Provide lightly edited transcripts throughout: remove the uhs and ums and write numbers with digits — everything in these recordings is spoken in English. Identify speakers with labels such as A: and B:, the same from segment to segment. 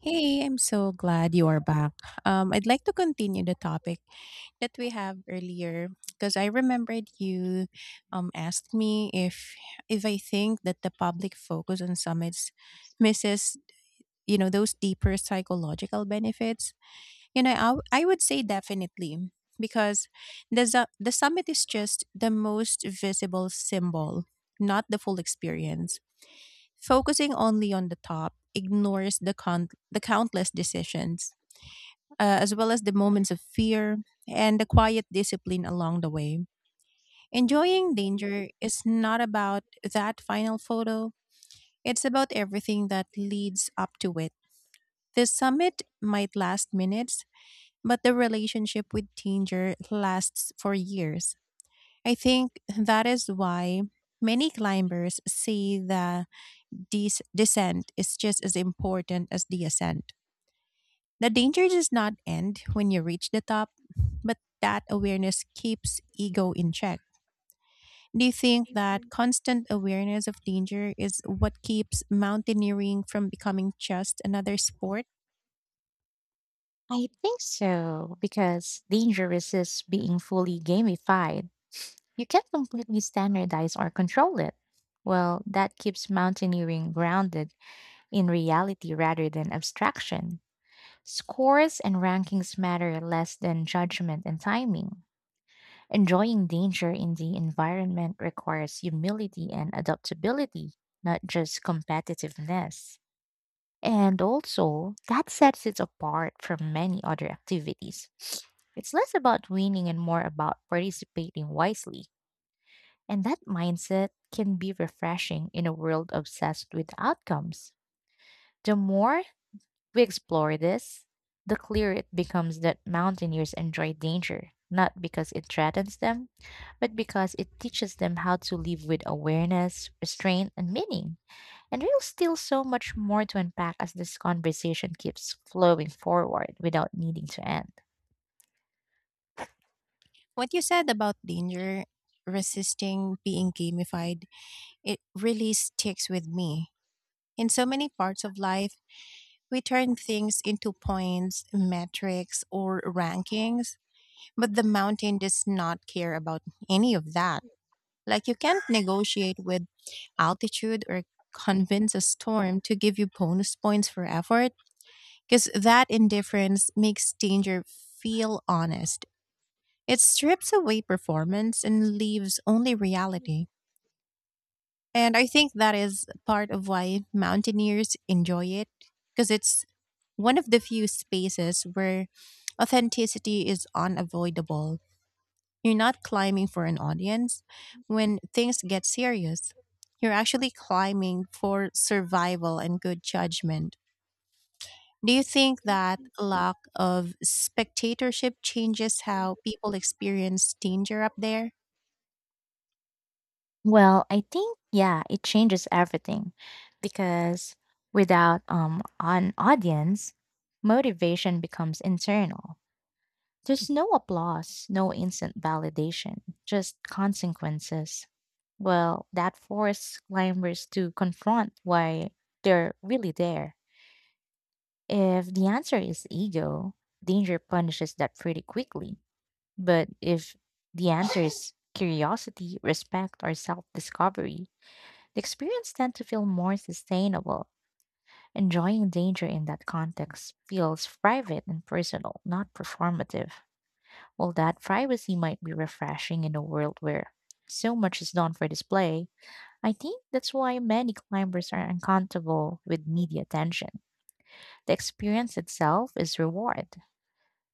A: Hey, I'm so glad you are back. I'd like to continue the topic that we have earlier because I remembered you asked me if I think that the public focus on summits misses those deeper psychological benefits. I would say definitely because the summit is just the most visible symbol, not the full experience. Focusing only on the top ignores the countless decisions, as well as the moments of fear and the quiet discipline along the way. Enjoying danger is not about that final photo; it's about everything that leads up to it. The summit might last minutes, but the relationship with danger lasts for years. I think that is why many climbers say that this descent is just as important as the ascent. The danger does not end when you reach the top, but that awareness keeps ego in check. Do you think that constant awareness of danger is what keeps mountaineering from becoming just another sport?
B: Being fully gamified, you can't completely standardize or control it. Well, that keeps mountaineering grounded in reality rather than abstraction. Scores and rankings matter less than judgment and timing. Enjoying danger in the environment requires humility and adaptability, not just competitiveness. And also, that sets it apart from many other activities. It's less about winning and more about participating wisely. And that mindset can be refreshing in a world obsessed with outcomes. The more we explore this, the clearer it becomes that mountaineers enjoy danger, not because it threatens them, but because it teaches them how to live with awareness, restraint, and meaning. And there's still so much more to unpack as this conversation keeps flowing forward without needing to end.
A: What you said about danger resisting being gamified, it really sticks with me. In so many parts of life, we turn things into points, metrics, or rankings, but the mountain does not care about any of that. Like, you can't negotiate with altitude or convince a storm to give you bonus points for effort, because that indifference makes danger feel honest. It strips away performance and leaves only reality. And I think that is part of why mountaineers enjoy it, because it's one of the few spaces where authenticity is unavoidable. You're not climbing for an audience. When things get serious, you're actually climbing for survival and good judgment. Do you think that lack of spectatorship changes how people experience danger up there?
B: Well, I think, yeah, it changes everything because without an audience, motivation becomes internal. There's no applause, no instant validation, just consequences. Well, that forces climbers to confront why they're really there. If the answer is ego, danger punishes that pretty quickly. But if the answer is curiosity, respect, or self discovery, the experience tends to feel more sustainable. Enjoying danger in that context feels private and personal, not performative. While that privacy might be refreshing in a world where so much is done for display, I think that's why many climbers are uncomfortable with media attention. The experience itself is reward.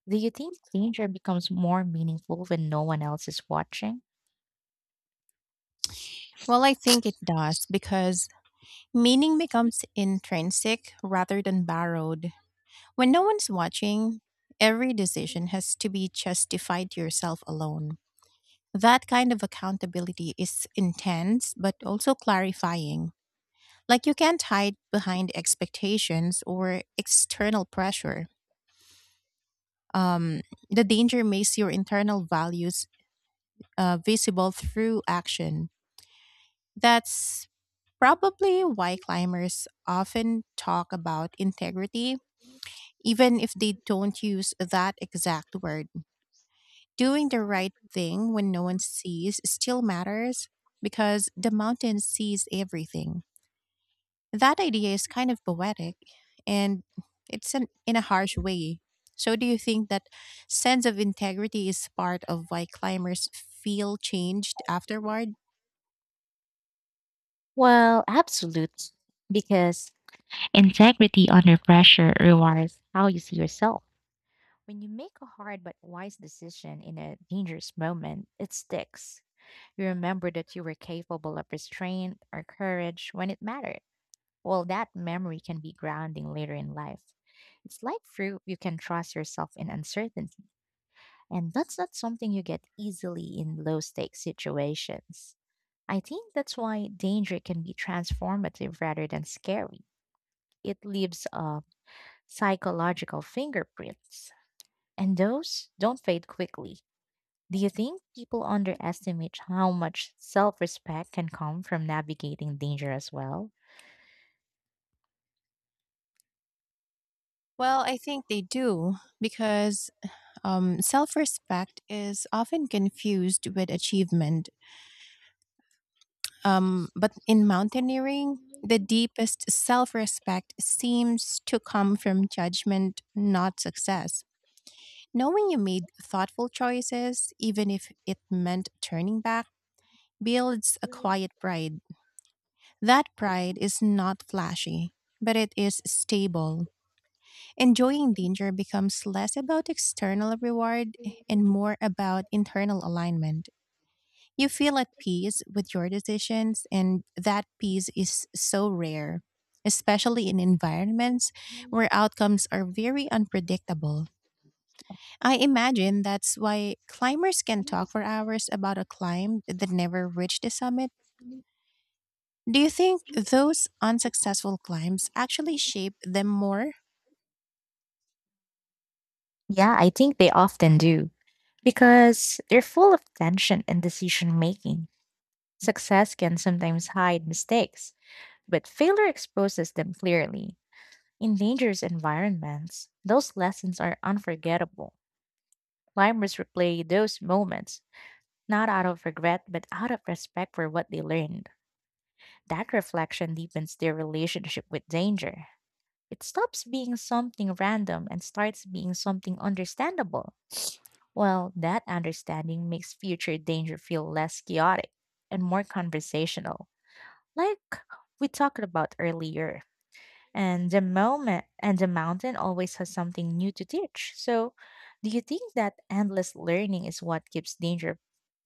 B: Do you think danger becomes more meaningful when no one else is watching?
A: Well, I think it does because meaning becomes intrinsic rather than borrowed. When no one's watching, every decision has to be justified to yourself alone. That kind of accountability is intense, but also clarifying. Like, you can't hide behind expectations or external pressure. Um, the danger makes your internal values visible through action. That's probably why climbers often talk about integrity, even if they don't use that exact word. Doing the right thing when no one sees still matters because the mountain sees everything. That idea is kind of poetic, and it's in a harsh way. So, do you think that sense of integrity is part of why climbers feel changed afterward?
B: Well, absolutely. Because integrity under pressure rewards how you see yourself. When you make a hard but wise decision in a dangerous moment, it sticks. You remember that you were capable of restraint or courage when it mattered. Well, that memory can be grounding later in life. It's like fruit you can trust yourself in uncertainty. And that's not something you get easily in low stakes situations. I think that's why danger can be transformative rather than scary. It leaves psychological fingerprints, and those don't fade quickly. Do you think people underestimate how much self respect can come from navigating danger as well?
A: Well, I think they do because self respect is often confused with achievement. But in mountaineering, the deepest self respect seems to come from judgment, not success. Knowing you made thoughtful choices, even if it meant turning back, builds a quiet pride. That pride is not flashy, but it is stable. Enjoying danger becomes less about external reward and more about internal alignment. You feel at peace with your decisions, and that peace is so rare, especially in environments where outcomes are very unpredictable. I imagine that's why climbers can talk for hours about a climb that never reached the summit. Do you think those unsuccessful climbs actually shape them more?
B: Yeah, I think they often do because they're full of tension and decision making. Success can sometimes hide mistakes. But failure exposes them clearly. In dangerous environments, those lessons are unforgettable. Climbers replay those moments, not out of regret, but out of respect for what they learned. That reflection deepens their relationship with danger. It stops being something random and starts being something understandable. Well, that understanding makes future danger feel less chaotic and more conversational, like we talked about earlier. And the moment and the mountain always has something new to teach. So, do you think that endless learning is what keeps danger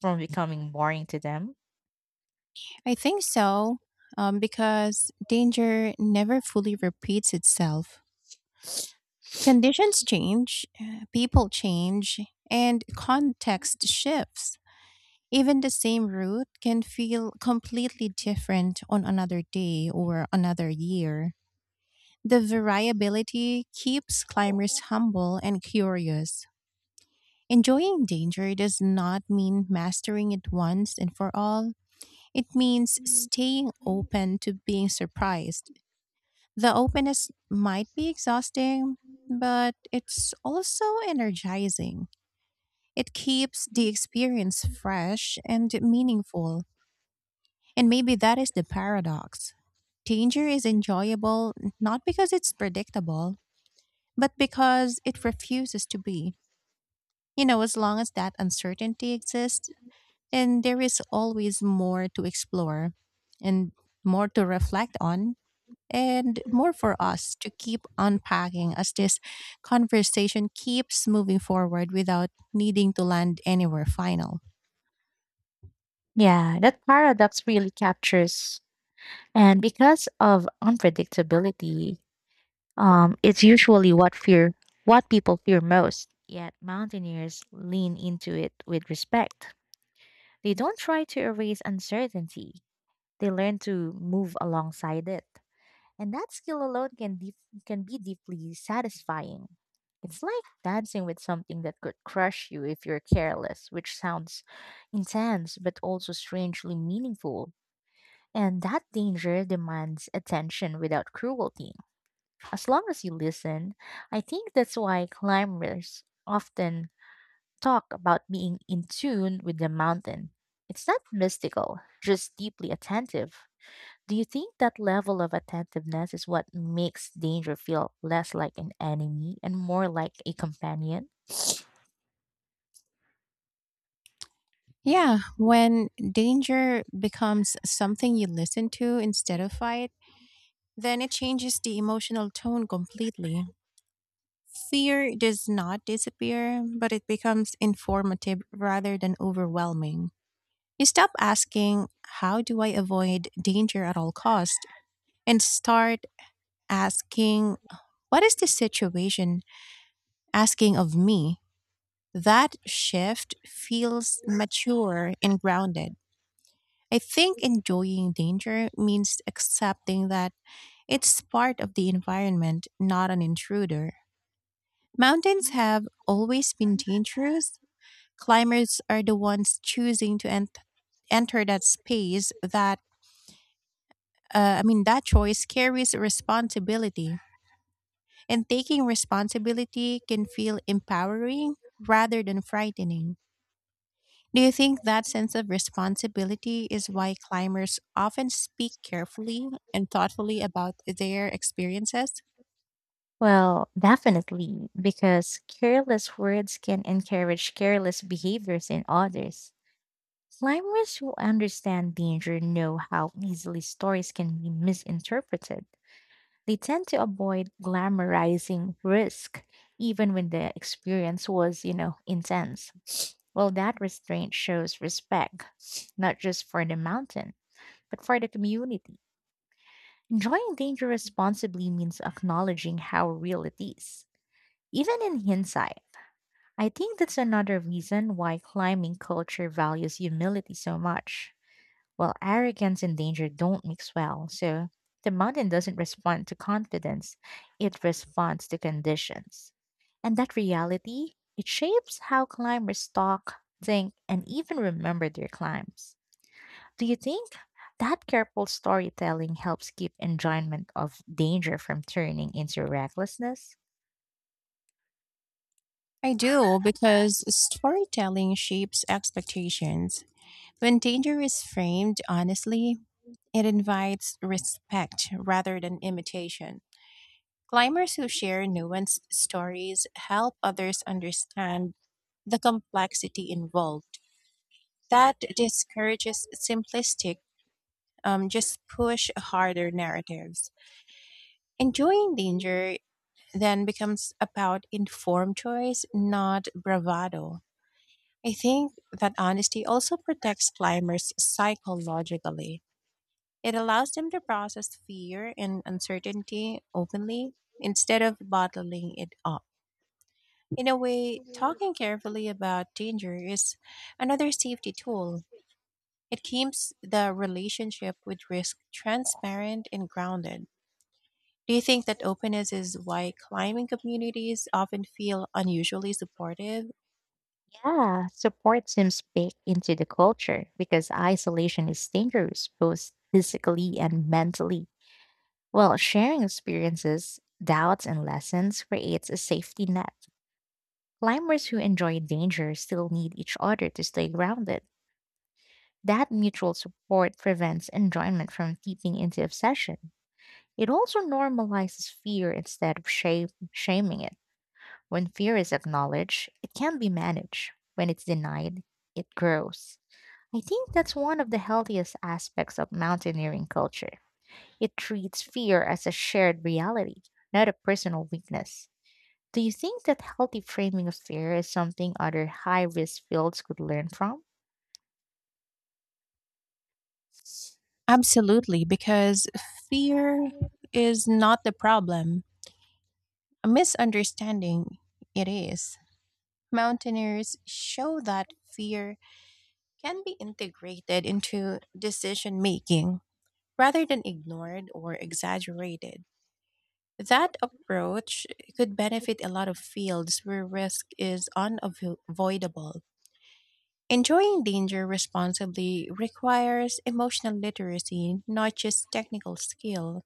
B: from becoming boring to them?
A: I think so, because danger never fully repeats itself. Conditions change, people change, and context shifts. Even the same route can feel completely different on another day or another year. The variability keeps climbers humble and curious. Enjoying danger does not mean mastering it once and for all. It means staying open to being surprised. The openness might be exhausting, but it's also energizing. It keeps the experience fresh and meaningful. And maybe that is the paradox. Danger is enjoyable not because it's predictable, but because it refuses to be. You know, as long as that uncertainty exists, and there is always more to explore and more to reflect on, and more for us to keep unpacking as this conversation keeps moving forward without needing to land anywhere final.
B: Yeah, that paradox really captures. And because of unpredictability, it's usually what people fear most. Yet mountaineers lean into it with respect. They don't try to erase uncertainty. They learn to move alongside it. And that skill alone can be deeply satisfying. It's like dancing with something that could crush you if you're careless, which sounds intense but also strangely meaningful. And that danger demands attention without cruelty. As long as you listen, I think that's why climbers often talk about being in tune with the mountain. It's not mystical, just deeply attentive. Do you think that level of attentiveness is what makes danger feel less like an enemy and more like a companion?
A: Yeah, when danger becomes something you listen to instead of fight, then it changes the emotional tone completely. Fear does not disappear, but it becomes informative rather than overwhelming. You stop asking, "How do I avoid danger at all cost?" and start asking, "What is this situation asking of me?" That shift feels mature and grounded. I think enjoying danger means accepting that it's part of the environment, not an intruder. Mountains have always been dangerous. Climbers are the ones choosing to enter that space. That I mean, that choice carries responsibility. And taking responsibility can feel empowering rather than frightening. Do you think that sense of responsibility is why climbers often speak carefully and thoughtfully about their experiences?
B: Well, definitely, because careless words can encourage careless behaviors in others. Climbers who understand danger know how easily stories can be misinterpreted. They tend to avoid glamorizing risk, even when the experience was, you know, intense. Well, that restraint shows respect, not just for the mountain, but for the community. Enjoying danger responsibly means acknowledging how real it is. Even in hindsight, I think that's another reason why climbing culture values humility so much. Well, arrogance and danger don't mix well, so the mountain doesn't respond to confidence, it responds to conditions. And that reality, it shapes how climbers talk, think, and even remember their climbs. Do you think that careful storytelling helps keep enjoyment of danger from turning into recklessness?
A: I do, because storytelling shapes expectations. When danger is framed honestly, it invites respect rather than imitation. Climbers who share nuanced stories help others understand the complexity involved. That discourages simplistic, just push harder narratives. Enjoying danger then becomes about informed choice, not bravado. I think that honesty also protects climbers psychologically. It allows them to process fear and uncertainty openly instead of bottling it up. In a way, talking carefully about danger is another safety tool. It keeps the relationship with risk transparent and grounded. Do you think that openness is why climbing communities often feel unusually supportive?
B: Yeah, support seems baked into the culture because isolation is dangerous both physically and mentally. Well, sharing experiences, doubts, and lessons creates a safety net. Climbers who enjoy danger still need each other to stay grounded. That mutual support prevents enjoyment from seeping into obsession. It also normalizes fear instead of shaming it. When fear is acknowledged, it can be managed. When it's denied, it grows. I think that's one of the healthiest aspects of mountaineering culture. It treats fear as a shared reality, not a personal weakness. Do you think that healthy framing of fear is something other high risk fields could learn from?
A: Absolutely, because fear is not the problem. A misunderstanding, it is. Mountaineers show that fear can be integrated into decision making rather than ignored or exaggerated. That approach could benefit a lot of fields where risk is unavoidable. Enjoying danger responsibly requires emotional literacy, not just technical skill.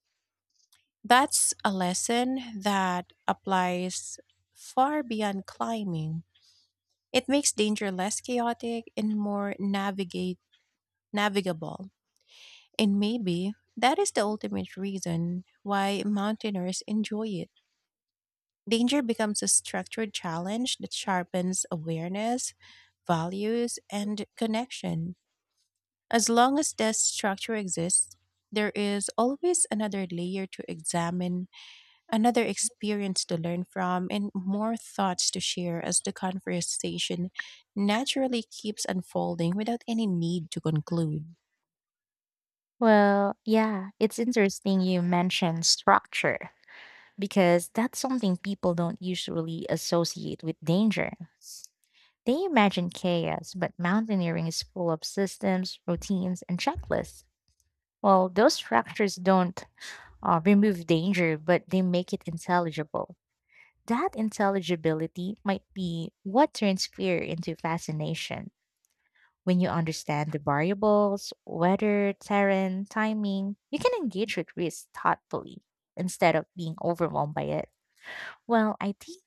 A: That's a lesson that applies far beyond climbing. It makes danger less chaotic and more navigate navigable. And maybe that is the ultimate reason why mountaineers enjoy it. Danger becomes a structured challenge that sharpens awareness, values, and connection. As long as this structure exists, there is always another layer to examine, another experience to learn from, and more thoughts to share as the conversation naturally keeps unfolding without any need to conclude.
B: Well, yeah, it's interesting you mentioned structure because that's something people don't usually associate with danger. They imagine chaos, but mountaineering is full of systems, routines, and checklists. Well, those structures don't remove danger, but they make it intelligible. That intelligibility might be what turns fear into fascination. When you understand the variables, weather, terrain, timing, you can engage with risk thoughtfully instead of being overwhelmed by it. Well, I think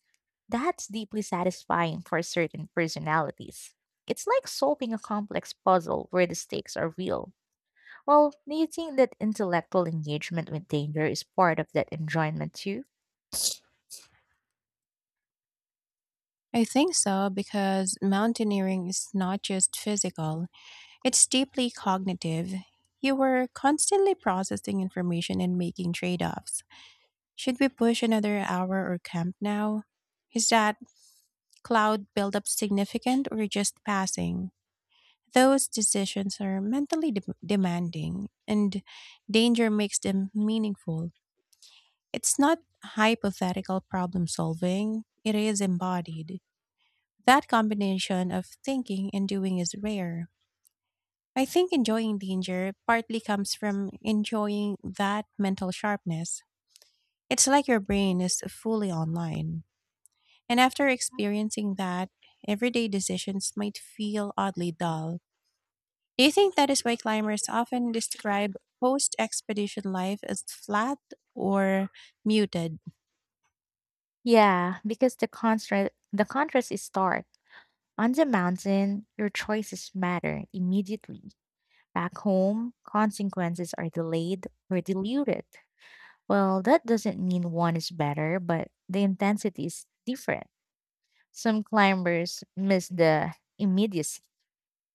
B: that's deeply satisfying for certain personalities. It's like solving a complex puzzle where the stakes are real. Well, do you think that intellectual engagement with danger is part of that enjoyment too?
A: I think so, because mountaineering is not just physical, it's deeply cognitive. You were constantly processing information and making trade offs. Should we push another hour or camp now? Is that cloud buildup significant or just passing? Those decisions are mentally demanding, and danger makes them meaningful. It's not hypothetical problem solving, it is embodied. That combination of thinking and doing is rare. I think enjoying danger partly comes from enjoying that mental sharpness. It's like your brain is fully online. And after experiencing that, everyday decisions might feel oddly dull. Do you think that is why climbers often describe post expedition life as flat or muted?
B: Yeah, because the contrast is stark. On the mountain, your choices matter immediately. Back home, consequences are delayed or diluted. Well, that doesn't mean one is better, but the intensity is different. Some climbers miss the immediacy.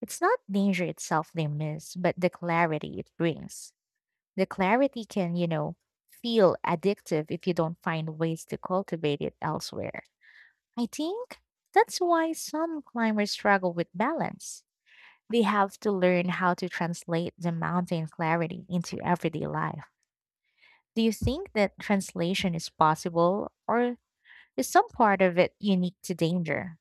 B: It's not danger itself they miss, but the clarity it brings. The clarity can, you know, feel addictive if you don't find ways to cultivate it elsewhere. I think that's why some climbers struggle with balance. They have to learn how to translate the mountain clarity into everyday life. Do you think that translation is possible, or is some part of it unique to danger?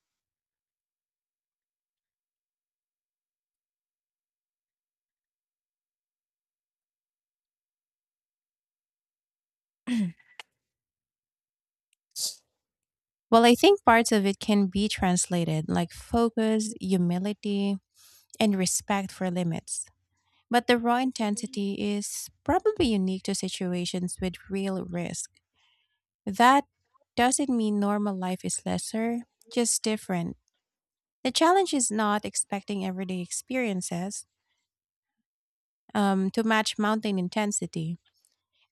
A: Well, I think parts of it can be translated, like focus, humility, and respect for limits. But the raw intensity is probably unique to situations with real risk. That doesn't mean normal life is lesser, just different. The challenge is not expecting everyday experiences to match mountain intensity.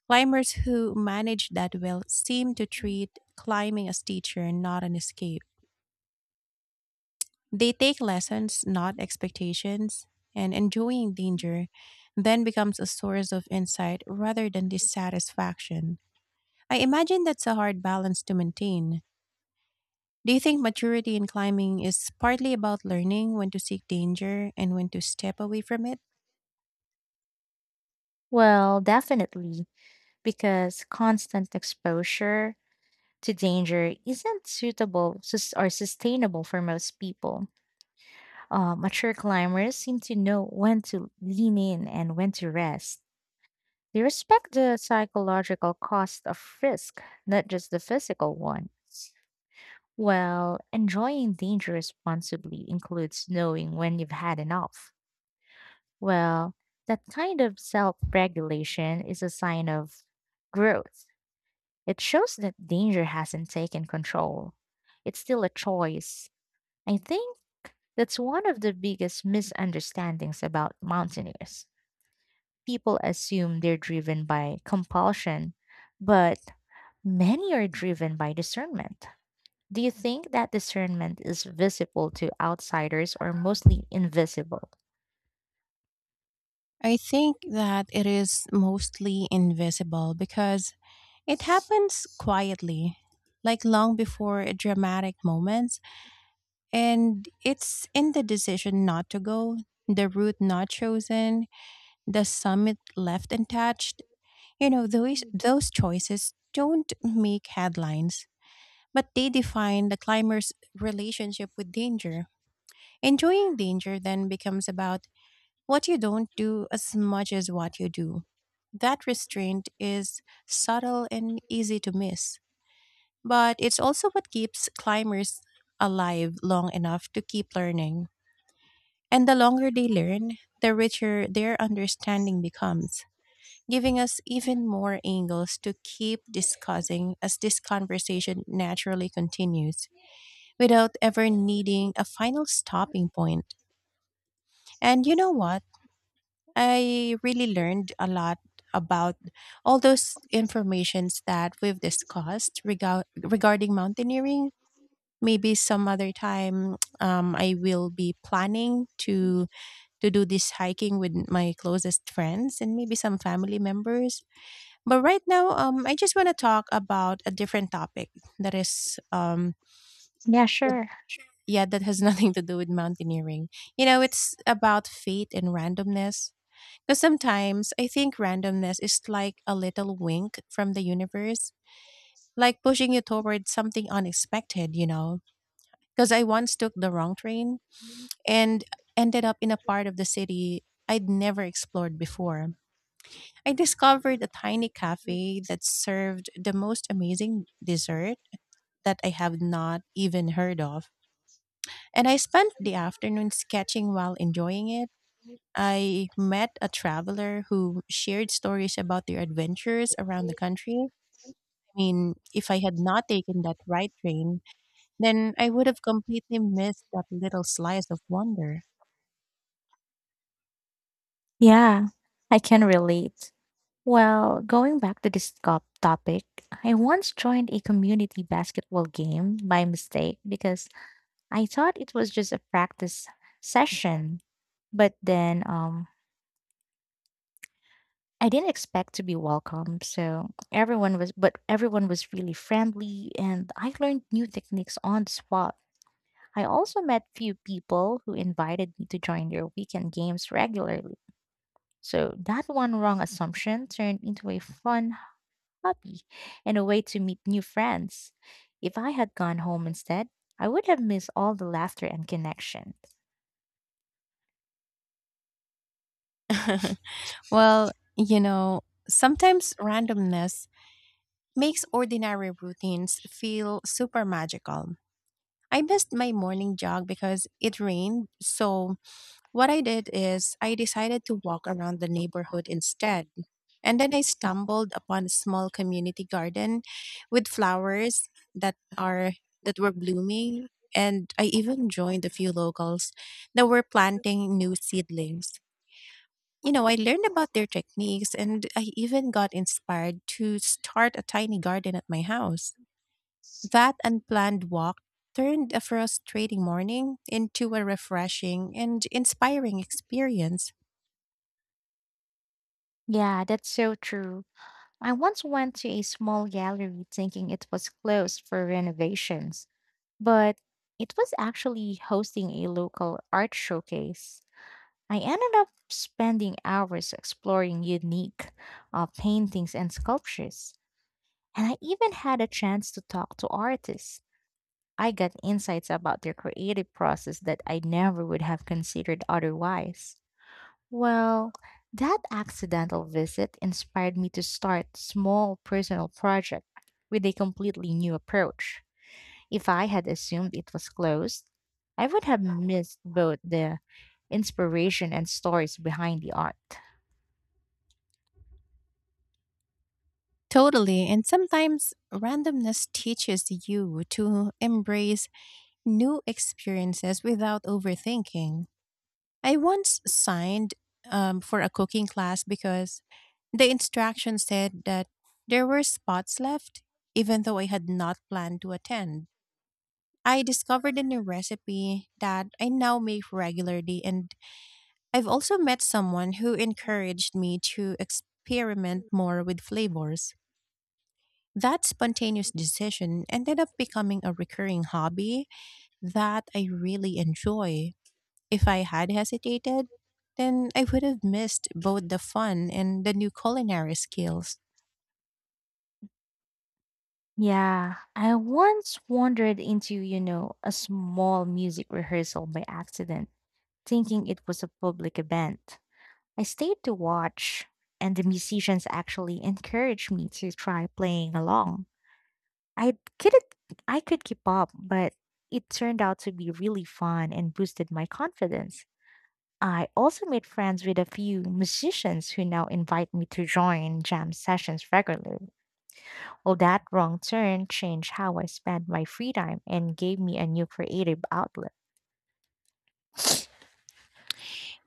A: Climbers who manage that well seem to treat climbing as teacher, not an escape. They take lessons, not expectations, and enjoying danger then becomes a source of insight rather than dissatisfaction. I imagine that's a hard balance to maintain. Do you think maturity in climbing is partly about learning when to seek danger and when to step away from it?
B: Well, definitely, because constant exposure to danger isn't or sustainable for most people. Mature climbers seem to know when to lean in and when to rest. They respect the psychological cost of risk, not just the physical one. Well, enjoying danger responsibly includes knowing when you've had enough. Well, that kind of self regulation is a sign of growth. It shows that danger hasn't taken control. It's still a choice. I think that's one of the biggest misunderstandings about mountaineers. People assume they're driven by compulsion, but many are driven by discernment. Do you think that discernment is visible to outsiders or mostly invisible?
A: I think that it is mostly invisible because it happens quietly, like long before a dramatic moments, and it's in the decision not to go, the route not chosen, the summit left untouched. You know, those choices don't make headlines, but they define the climber's relationship with danger. Enjoying danger then becomes about what you don't do as much as what you do. That restraint is subtle and easy to miss, but it's also what keeps climbers alive long enough to keep learning. And the longer they learn, the richer their understanding becomes, giving us even more angles to keep discussing as this conversation naturally continues without ever needing a final stopping point. And you know what? I really learned a lot about all those informations that we've discussed regarding mountaineering. Maybe some other time I will be planning to do this hiking with my closest friends and maybe some family members. But right now, I just want to talk about a different topic. that is um,
B: Yeah,
A: that-
B: sure.
A: yeah, that has nothing to do with mountaineering. You know, it's about fate and randomness. Because sometimes I think randomness is like a little wink from the universe, like pushing you toward something unexpected. Because I once took the wrong train and ended up in a part of the city I'd never explored before. I discovered a tiny cafe that served the most amazing dessert that I have not even heard of. And I spent the afternoon sketching while enjoying it. I met a traveler who shared stories about their adventures around the country. I mean, if I had not taken that right train, then I would have completely missed that little slice of wonder.
B: Yeah, I can relate. Well, going back to this topic, I once joined a community basketball game by mistake because I thought it was just a practice session, but then I didn't expect to be welcome. So everyone was really friendly and I learned new techniques on the spot. I also met few people who invited me to join their weekend games regularly. So that one wrong assumption turned into a fun hobby and a way to meet new friends. If I had gone home instead, I would have missed all the laughter and connection.
A: Well, you know, sometimes randomness makes ordinary routines feel super magical. I missed my morning jog because it rained, so what I did is I decided to walk around the neighborhood instead. And then I stumbled upon a small community garden with flowers that are that were blooming, and I even joined a few locals that were planting new seedlings. You know, I learned about their techniques, and I even got inspired to start a tiny garden at my house. That unplanned walk turned a frustrating morning into a refreshing and inspiring experience.
B: Yeah, that's so true. I once went to a small gallery thinking it was closed for renovations, but it was actually hosting a local art showcase. I ended up spending hours exploring unique paintings and sculptures, and I even had a chance to talk to artists. I got insights about their creative process that I never would have considered otherwise. Well, that accidental visit inspired me to start small personal project with a completely new approach. If I had assumed it was closed, I would have missed both the inspiration and stories behind the art.
A: Totally. And sometimes randomness teaches you to embrace new experiences without overthinking. I once signed for a cooking class because the instruction said that there were spots left, even though I had not planned to attend. I discovered a new recipe that I now make regularly, and I've also met someone who encouraged me to experiment more with flavors. That spontaneous decision ended up becoming a recurring hobby that I really enjoy. If I had hesitated, then I would have missed both the fun and the new culinary skills.
B: Yeah, I once wandered into, you know, a small music rehearsal by accident, thinking it was a public event. I stayed to watch, and the musicians actually encouraged me to try playing along. I couldn't, I could keep up, but it turned out to be really fun and boosted my confidence. I also made friends with a few musicians who now invite me to join jam sessions regularly. Well, that wrong turn changed how I spent my free time and gave me a new creative outlet.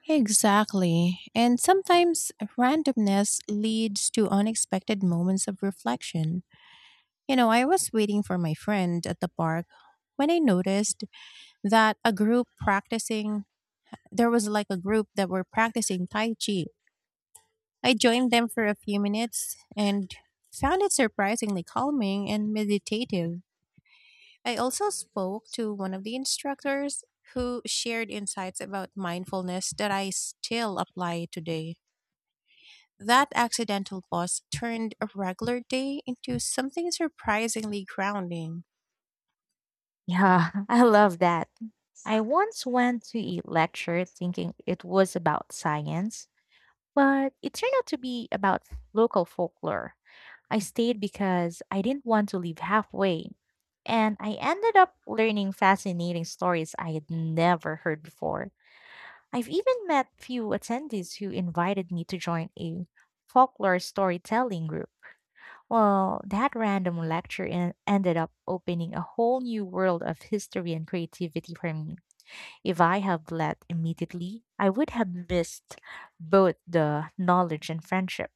A: Exactly. And sometimes randomness leads to unexpected moments of reflection. I was waiting for my friend at the park when I noticed that there was like a group that were practicing Tai Chi. I joined them for a few minutes and found it surprisingly calming and meditative. I also spoke to one of the instructors who shared insights about mindfulness that I still apply today. That accidental pause turned a regular day into something surprisingly grounding.
B: Yeah, I love that. I once went to a lecture thinking it was about science, but it turned out to be about local folklore. I stayed because I didn't want to leave halfway, and I ended up learning fascinating stories I had never heard before. I've even met few attendees who invited me to join a folklore storytelling group. Well, that random ended up opening a whole new world of history and creativity for me. If I had led immediately, I would have missed both the knowledge and friendship.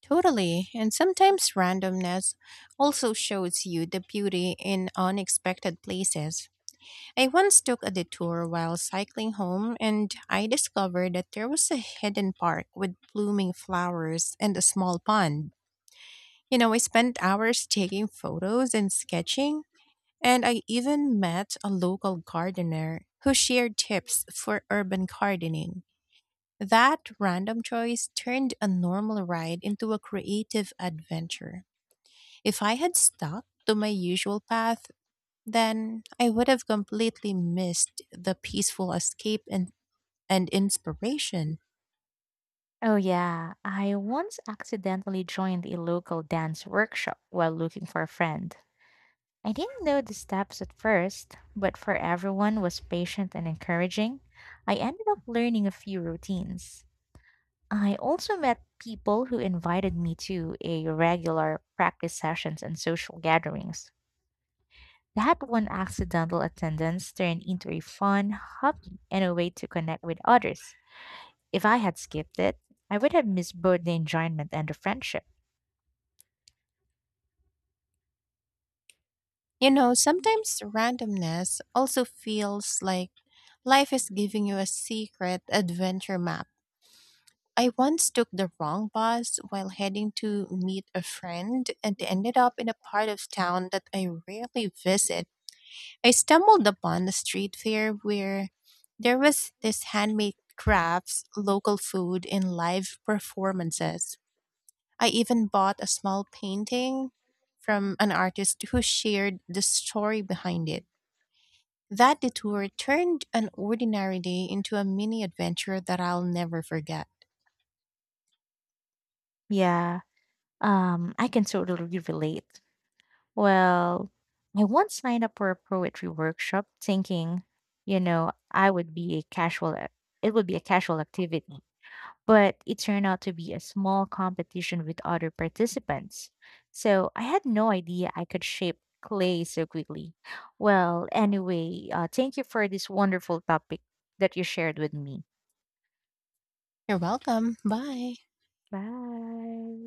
A: Totally, and sometimes randomness also shows you the beauty in unexpected places. I once took a detour while cycling home, and I discovered that there was a hidden park with blooming flowers and a small pond. I spent hours taking photos and sketching, and I even met a local gardener who shared tips for urban gardening. That random choice turned a normal ride into a creative adventure. If I had stuck to my usual path, then I would have completely missed the peaceful escape and, inspiration.
B: Oh, yeah, I once accidentally joined a local dance workshop while looking for a friend. I didn't know the steps at first, but for everyone was patient and encouraging, I ended up learning a few routines. I also met people who invited me to a regular practice sessions and social gatherings. That one accidental attendance turned into a fun hobby and a way to connect with others. If I had skipped it, I would have missed both the enjoyment and the friendship.
A: Sometimes randomness also feels like life is giving you a secret adventure map. I once took the wrong bus while heading to meet a friend and ended up in a part of town that I rarely visit. I stumbled upon a street fair where there was this handmade crafts, local food, and live performances. I even bought a small painting from an artist who shared the story behind it. That detour turned an ordinary day into a mini adventure that I'll never forget.
B: Yeah, I can totally relate. Well, I once signed up for a poetry workshop thinking, you know, I would be a casual, it would be a casual activity but it turned out to be a small competition with other participants. So I had no idea I could shape clay so quickly. Well, anyway, thank you for this wonderful topic that you shared with me.
A: You're welcome. Bye.
B: Bye.